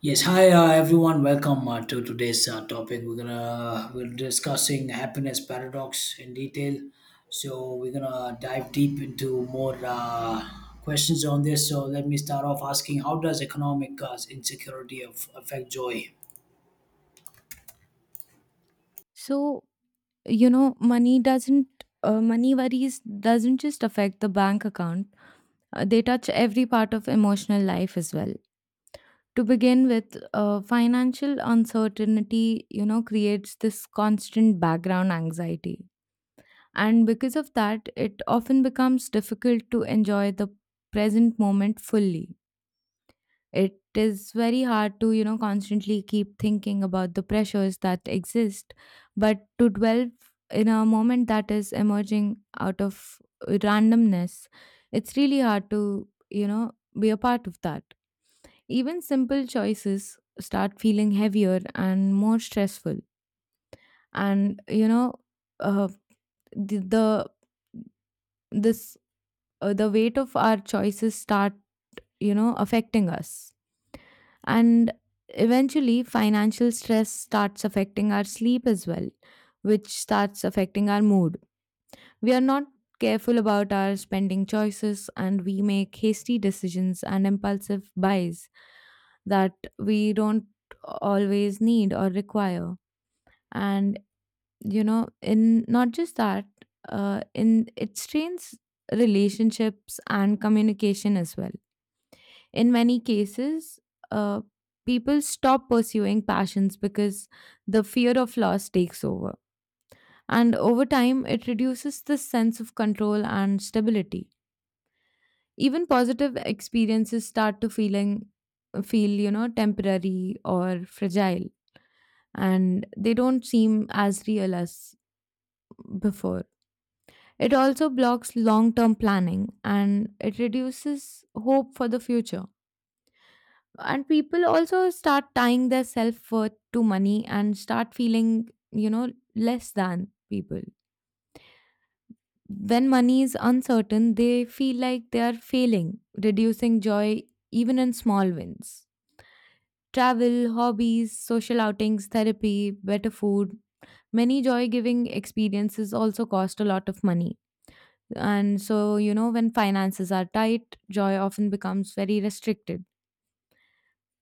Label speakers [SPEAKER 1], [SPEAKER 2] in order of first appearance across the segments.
[SPEAKER 1] Yes, hi, everyone. Welcome to today's topic. We're discussing happiness paradox in detail. So we're gonna dive deep into more questions on this. So let me start off asking: How does economic insecurity affect joy?
[SPEAKER 2] So, money doesn't, money worries doesn't just affect the bank account, they touch every part of emotional life as well. To begin with, financial uncertainty, creates this constant background anxiety. And because of that, it often becomes difficult to enjoy the present moment fully. It is very hard to, constantly keep thinking about the pressures that exist, but to dwell in a moment that is emerging out of randomness. It's really hard to, be a part of that. Even simple choices start feeling heavier and more stressful. And, uh, the, the this the weight of our choices start affecting us. And eventually, financial stress starts affecting our sleep as well, which starts affecting our mood. We are not careful about our spending choices, and we make hasty decisions and impulsive buys that we don't always need or require. And, in not just that, in it strains relationships and communication as well in many cases. uh, People stop pursuing passions because the fear of loss takes over. And over time, it reduces the sense of control and stability. Even positive experiences start to feel, temporary or fragile, and they don't seem as real as before. It also blocks long term planning and it reduces hope for the future. And people also start tying their self-worth to money and start feeling, less than people. When money is uncertain, they feel like they are failing, reducing joy even in small wins. Travel, hobbies, social outings, therapy, better food, many joy giving experiences also cost a lot of money. And so, when finances are tight, joy often becomes very restricted.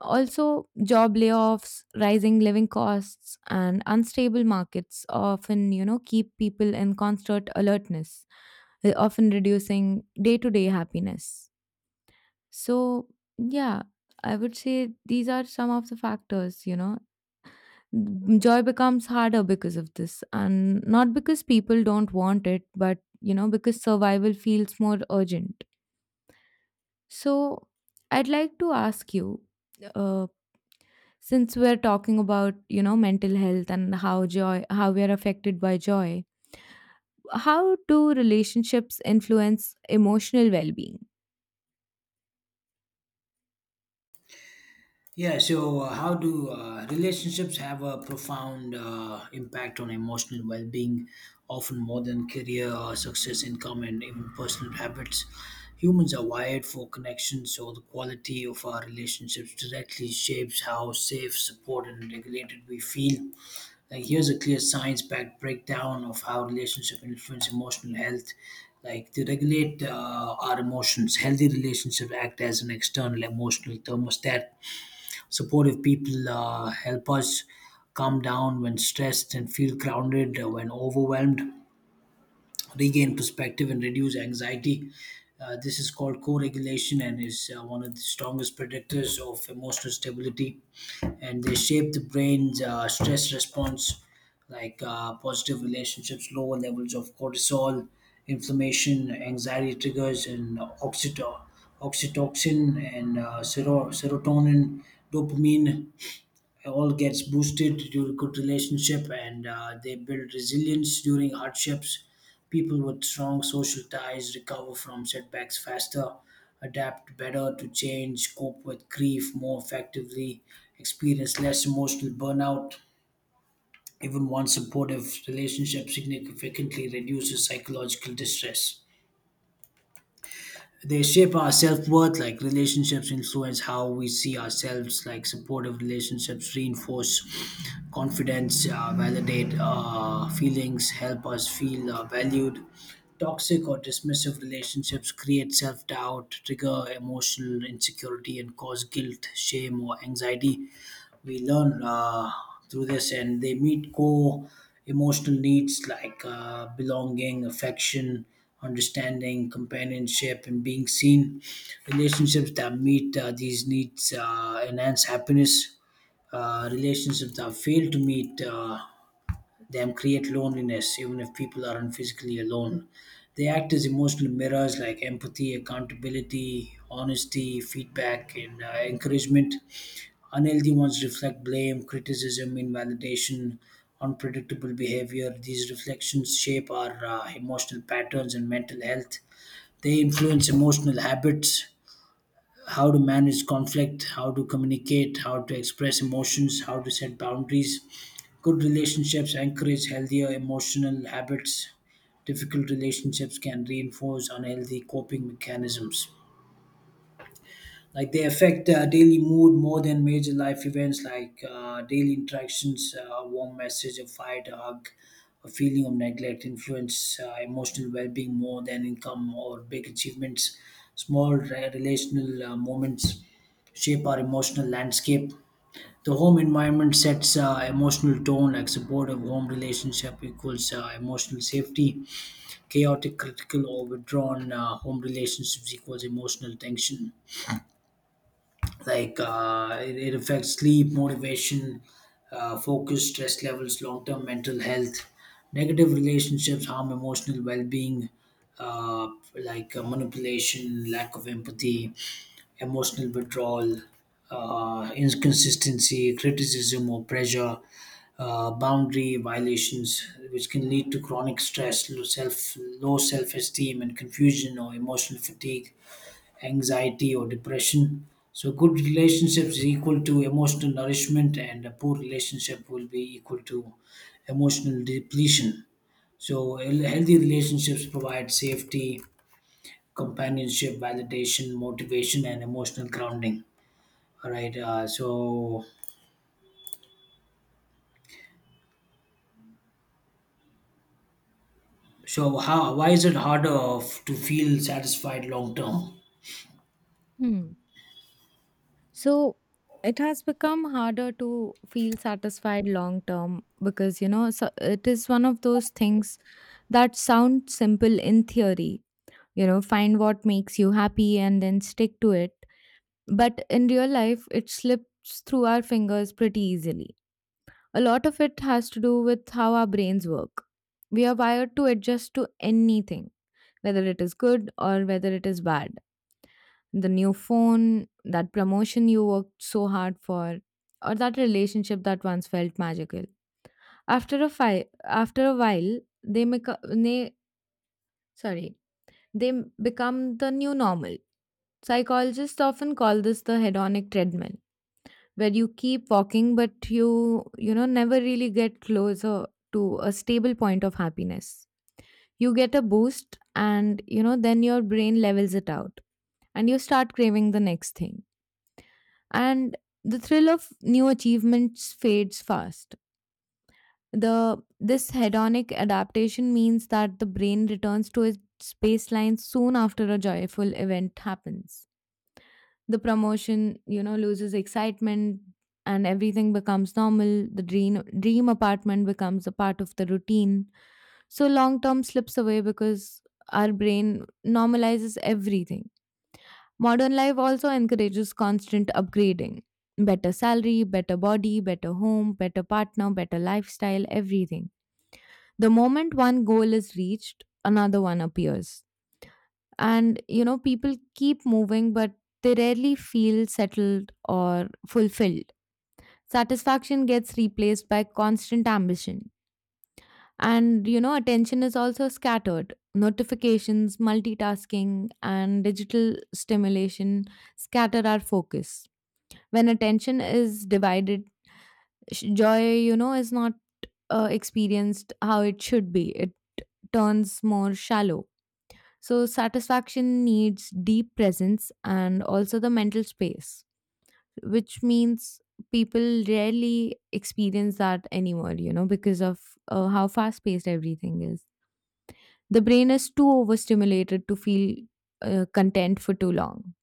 [SPEAKER 2] Also, job layoffs, rising living costs, and unstable markets often, keep people in constant alertness, often reducing day-to-day happiness. So, yeah, I would say these are some of the factors, you know. Joy becomes harder because of this, and not because people don't want it, but, because survival feels more urgent. So, I'd like to ask you, uh, since we're talking about, mental health and how joy how we are affected by joy, how do relationships influence emotional well-being?
[SPEAKER 1] Yeah, so how do relationships have a profound impact on emotional well being, often more than career, success, income, and even personal habits? Humans are wired for connection, so the quality of our relationships directly shapes how safe, supported, and regulated we feel. Like, here's a clear science backed breakdown of how relationship influence emotional health. Like, they regulate our emotions. Healthy relationships act as an external emotional thermostat. Supportive people help us calm down when stressed and feel grounded when overwhelmed, regain perspective and reduce anxiety. This is called co regulation and is one of the strongest predictors of emotional stability. And they shape the brain's stress response, like positive relationships, lower levels of cortisol, inflammation, anxiety triggers, and oxytocin, and serotonin, dopamine all gets boosted due to good relationship, and they build resilience during hardships. People with strong social ties recover from setbacks faster, adapt better to change, cope with grief more effectively, experience less emotional burnout. Even one supportive relationship significantly reduces psychological distress. They shape our self-worth. Like relationships influence how we see ourselves. Like supportive relationships reinforce confidence, validate feelings, help us feel valued. Toxic or dismissive relationships create self-doubt, trigger emotional insecurity, and cause guilt, shame, or anxiety. We learn through this, and they meet core emotional needs like belonging, affection, understanding, companionship, and being seen. Relationships that meet these needs enhance happiness. Relationships that fail to meet them create loneliness even if people aren't physically alone. They act as emotional mirrors, like empathy, accountability, honesty, feedback, and encouragement. Unhealthy ones reflect blame, criticism, invalidation, unpredictable behavior. These reflections shape our emotional patterns and mental health. They influence emotional habits: how to manage conflict, how to communicate, how to express emotions, how to set boundaries. Good relationships encourage healthier emotional habits. Difficult relationships can reinforce unhealthy coping mechanisms. Like they affect daily mood more than major life events. Like daily interactions, a warm message, a fight, a hug, a feeling of neglect influence emotional well-being more than income or big achievements. Small relational moments shape our emotional landscape. The home environment sets emotional tone. Like supportive home relationship equals emotional safety, chaotic, critical, or withdrawn home relationships equals emotional tension. Like it affects sleep, motivation, focus, stress levels, long-term mental health. Negative relationships harm emotional well-being. uh, like manipulation, lack of empathy, emotional withdrawal, inconsistency, criticism, or pressure, boundary violations, which can lead to chronic stress, low self-esteem, and confusion, or emotional fatigue, anxiety, or depression. So good relationships is equal to emotional nourishment, and a poor relationship will be equal to emotional depletion. So healthy relationships provide safety, companionship, validation, motivation, and emotional grounding. All right. So how, why is it harder to feel satisfied long term?
[SPEAKER 2] Hmm. So it has become harder to feel satisfied long term, because, so it is one of those things that sound simple in theory. You know, find what makes you happy and then stick to it, but in real life it slips through our fingers pretty easily. A lot of it has to do with how our brains work. We are wired to adjust to anything, whether it is good or whether it is bad. The new phone, that promotion you worked so hard for, or that relationship that once felt magical. After a fi- After a while, they make they sorry, they become the new normal. Psychologists often call this the hedonic treadmill, where you keep walking but you know never really get closer to a stable point of happiness. You get a boost, and, then your brain levels it out, and you start craving the next thing. And the thrill of new achievements fades fast. The this hedonic adaptation means that the brain returns to its baseline soon after a joyful event happens. The promotion, loses excitement, and everything becomes normal. The dream apartment becomes a part of the routine. So long term slips away because our brain normalizes everything. Modern life also encourages constant upgrading. Better salary, better body, better home, better partner, better lifestyle, everything. The moment one goal is reached, another one appears, and, people keep moving, but they rarely feel settled or fulfilled. Satisfaction gets replaced by constant ambition. And, attention is also scattered. Notifications, multitasking, and digital stimulation scatter our focus. When attention is divided, joy, is not experienced how it should be. It turns more shallow. So, satisfaction needs deep presence and also the mental space, which means people rarely experience that anymore, you know, because of how fast paced everything is. The brain is too overstimulated to feel content for too long.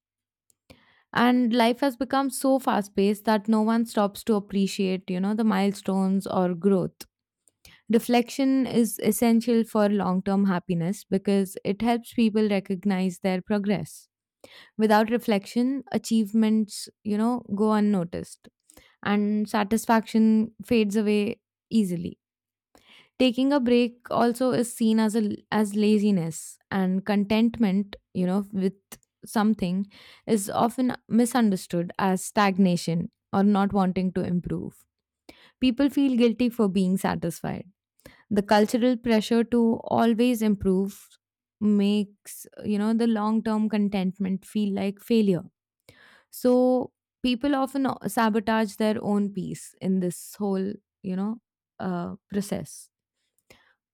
[SPEAKER 2] And life has become so fast paced that no one stops to appreciate, you know, the milestones or growth. Reflection is essential for long term happiness because it helps people recognize their progress. Without reflection, achievements, you know, go unnoticed, and satisfaction fades away easily. Taking a break also is seen as a as laziness, and contentment, you know, with something is often misunderstood as stagnation or not wanting to improve. People feel guilty for being satisfied. The cultural pressure to always improve makes, the long term contentment feel like failure. So people often sabotage their own peace in this whole, you know, process.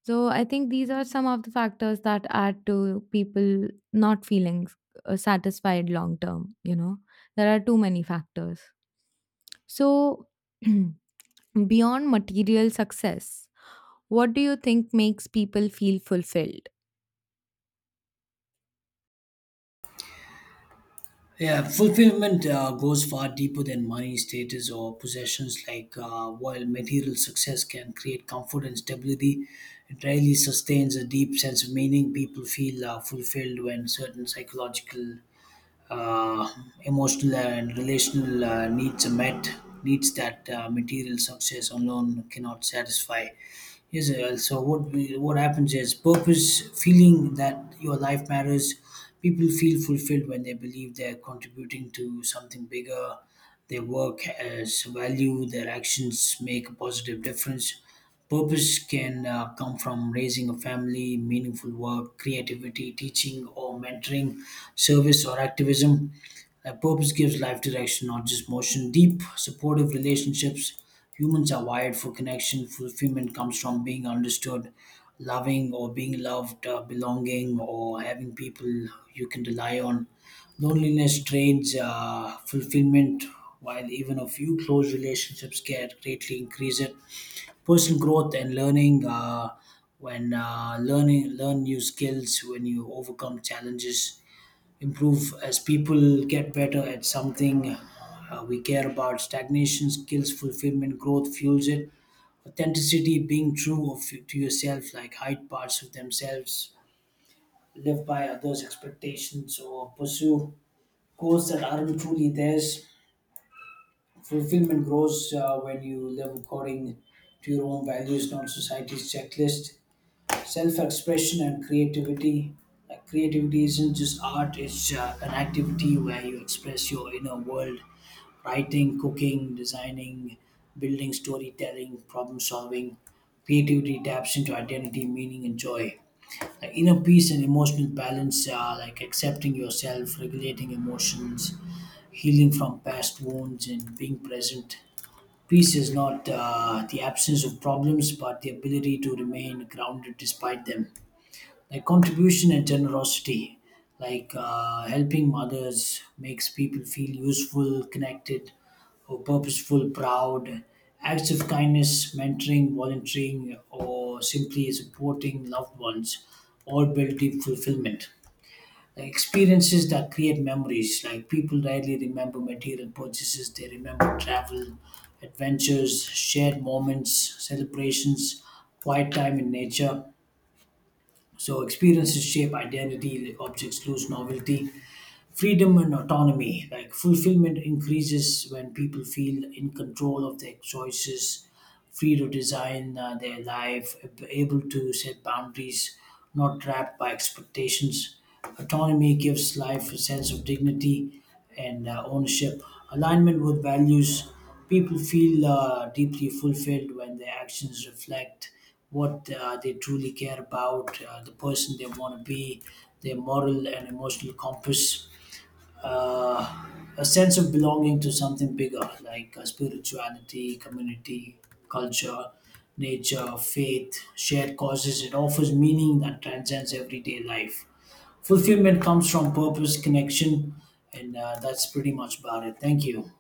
[SPEAKER 2] So I think these are some of the factors that add to people not feeling satisfied long term. You know, there are too many factors. So beyond material success, what do you think makes people feel fulfilled?
[SPEAKER 1] Yeah, fulfillment goes far deeper than money, status, or possessions. Like while material success can create comfort and stability, it rarely sustains a deep sense of meaning. People feel fulfilled when certain psychological, uh, emotional, and relational needs are met. Needs that material success alone cannot satisfy. Yes, so what happens is purpose, feeling that your life matters. People feel fulfilled when they believe they're contributing to something bigger. Their work has value. Their actions make a positive difference. Purpose can come from raising a family, meaningful work, creativity, teaching or mentoring, service or activism. Like purpose gives life direction, not just motion. Deep, supportive relationships. Humans are wired for connection. Fulfillment comes from being understood, loving or being loved, belonging or having people you can rely on. Loneliness drains fulfillment, while even a few close relationships can greatly increase it. Personal growth and learning. When learn new skills. When you overcome challenges, improve as people, get better at something we care about. Stagnation skills fulfillment, growth fuels it. Authenticity, being true of to yourself, like hide parts of themselves, live by others expectations or pursue goals that aren't truly theirs. Fulfillment grows when you live according to your own values, not society's checklist. Self-expression and creativity, like creativity isn't just art, it's an activity where you express your inner world: writing, cooking, designing, building, storytelling, problem solving. Creativity taps into identity, meaning, and joy. Like inner peace and emotional balance are like accepting yourself, regulating emotions, healing from past wounds, and being present. Peace is not the absence of problems, but the ability to remain grounded despite them. Like contribution and generosity, like helping others makes people feel useful, connected, or purposeful, proud. Acts of kindness, mentoring, volunteering, or simply supporting loved ones all build deep fulfillment. Like experiences that create memories, like people rarely remember material purchases, they remember travel, adventures, shared moments, celebrations, quiet time in nature. So experiences shape identity, objects lose novelty. Freedom and autonomy, like fulfillment increases when people feel in control of their choices, free to design their life, able to set boundaries, not trapped by expectations. Autonomy gives life a sense of dignity and ownership. Alignment with values. People feel deeply fulfilled when their actions reflect what they truly care about, the person they want to be, their moral and emotional compass. uh, a sense of belonging to something bigger, like spirituality, community, culture, nature, faith, shared causes. It offers meaning that transcends everyday life. Fulfillment comes from purpose, connection, and that's pretty much about it. Thank you.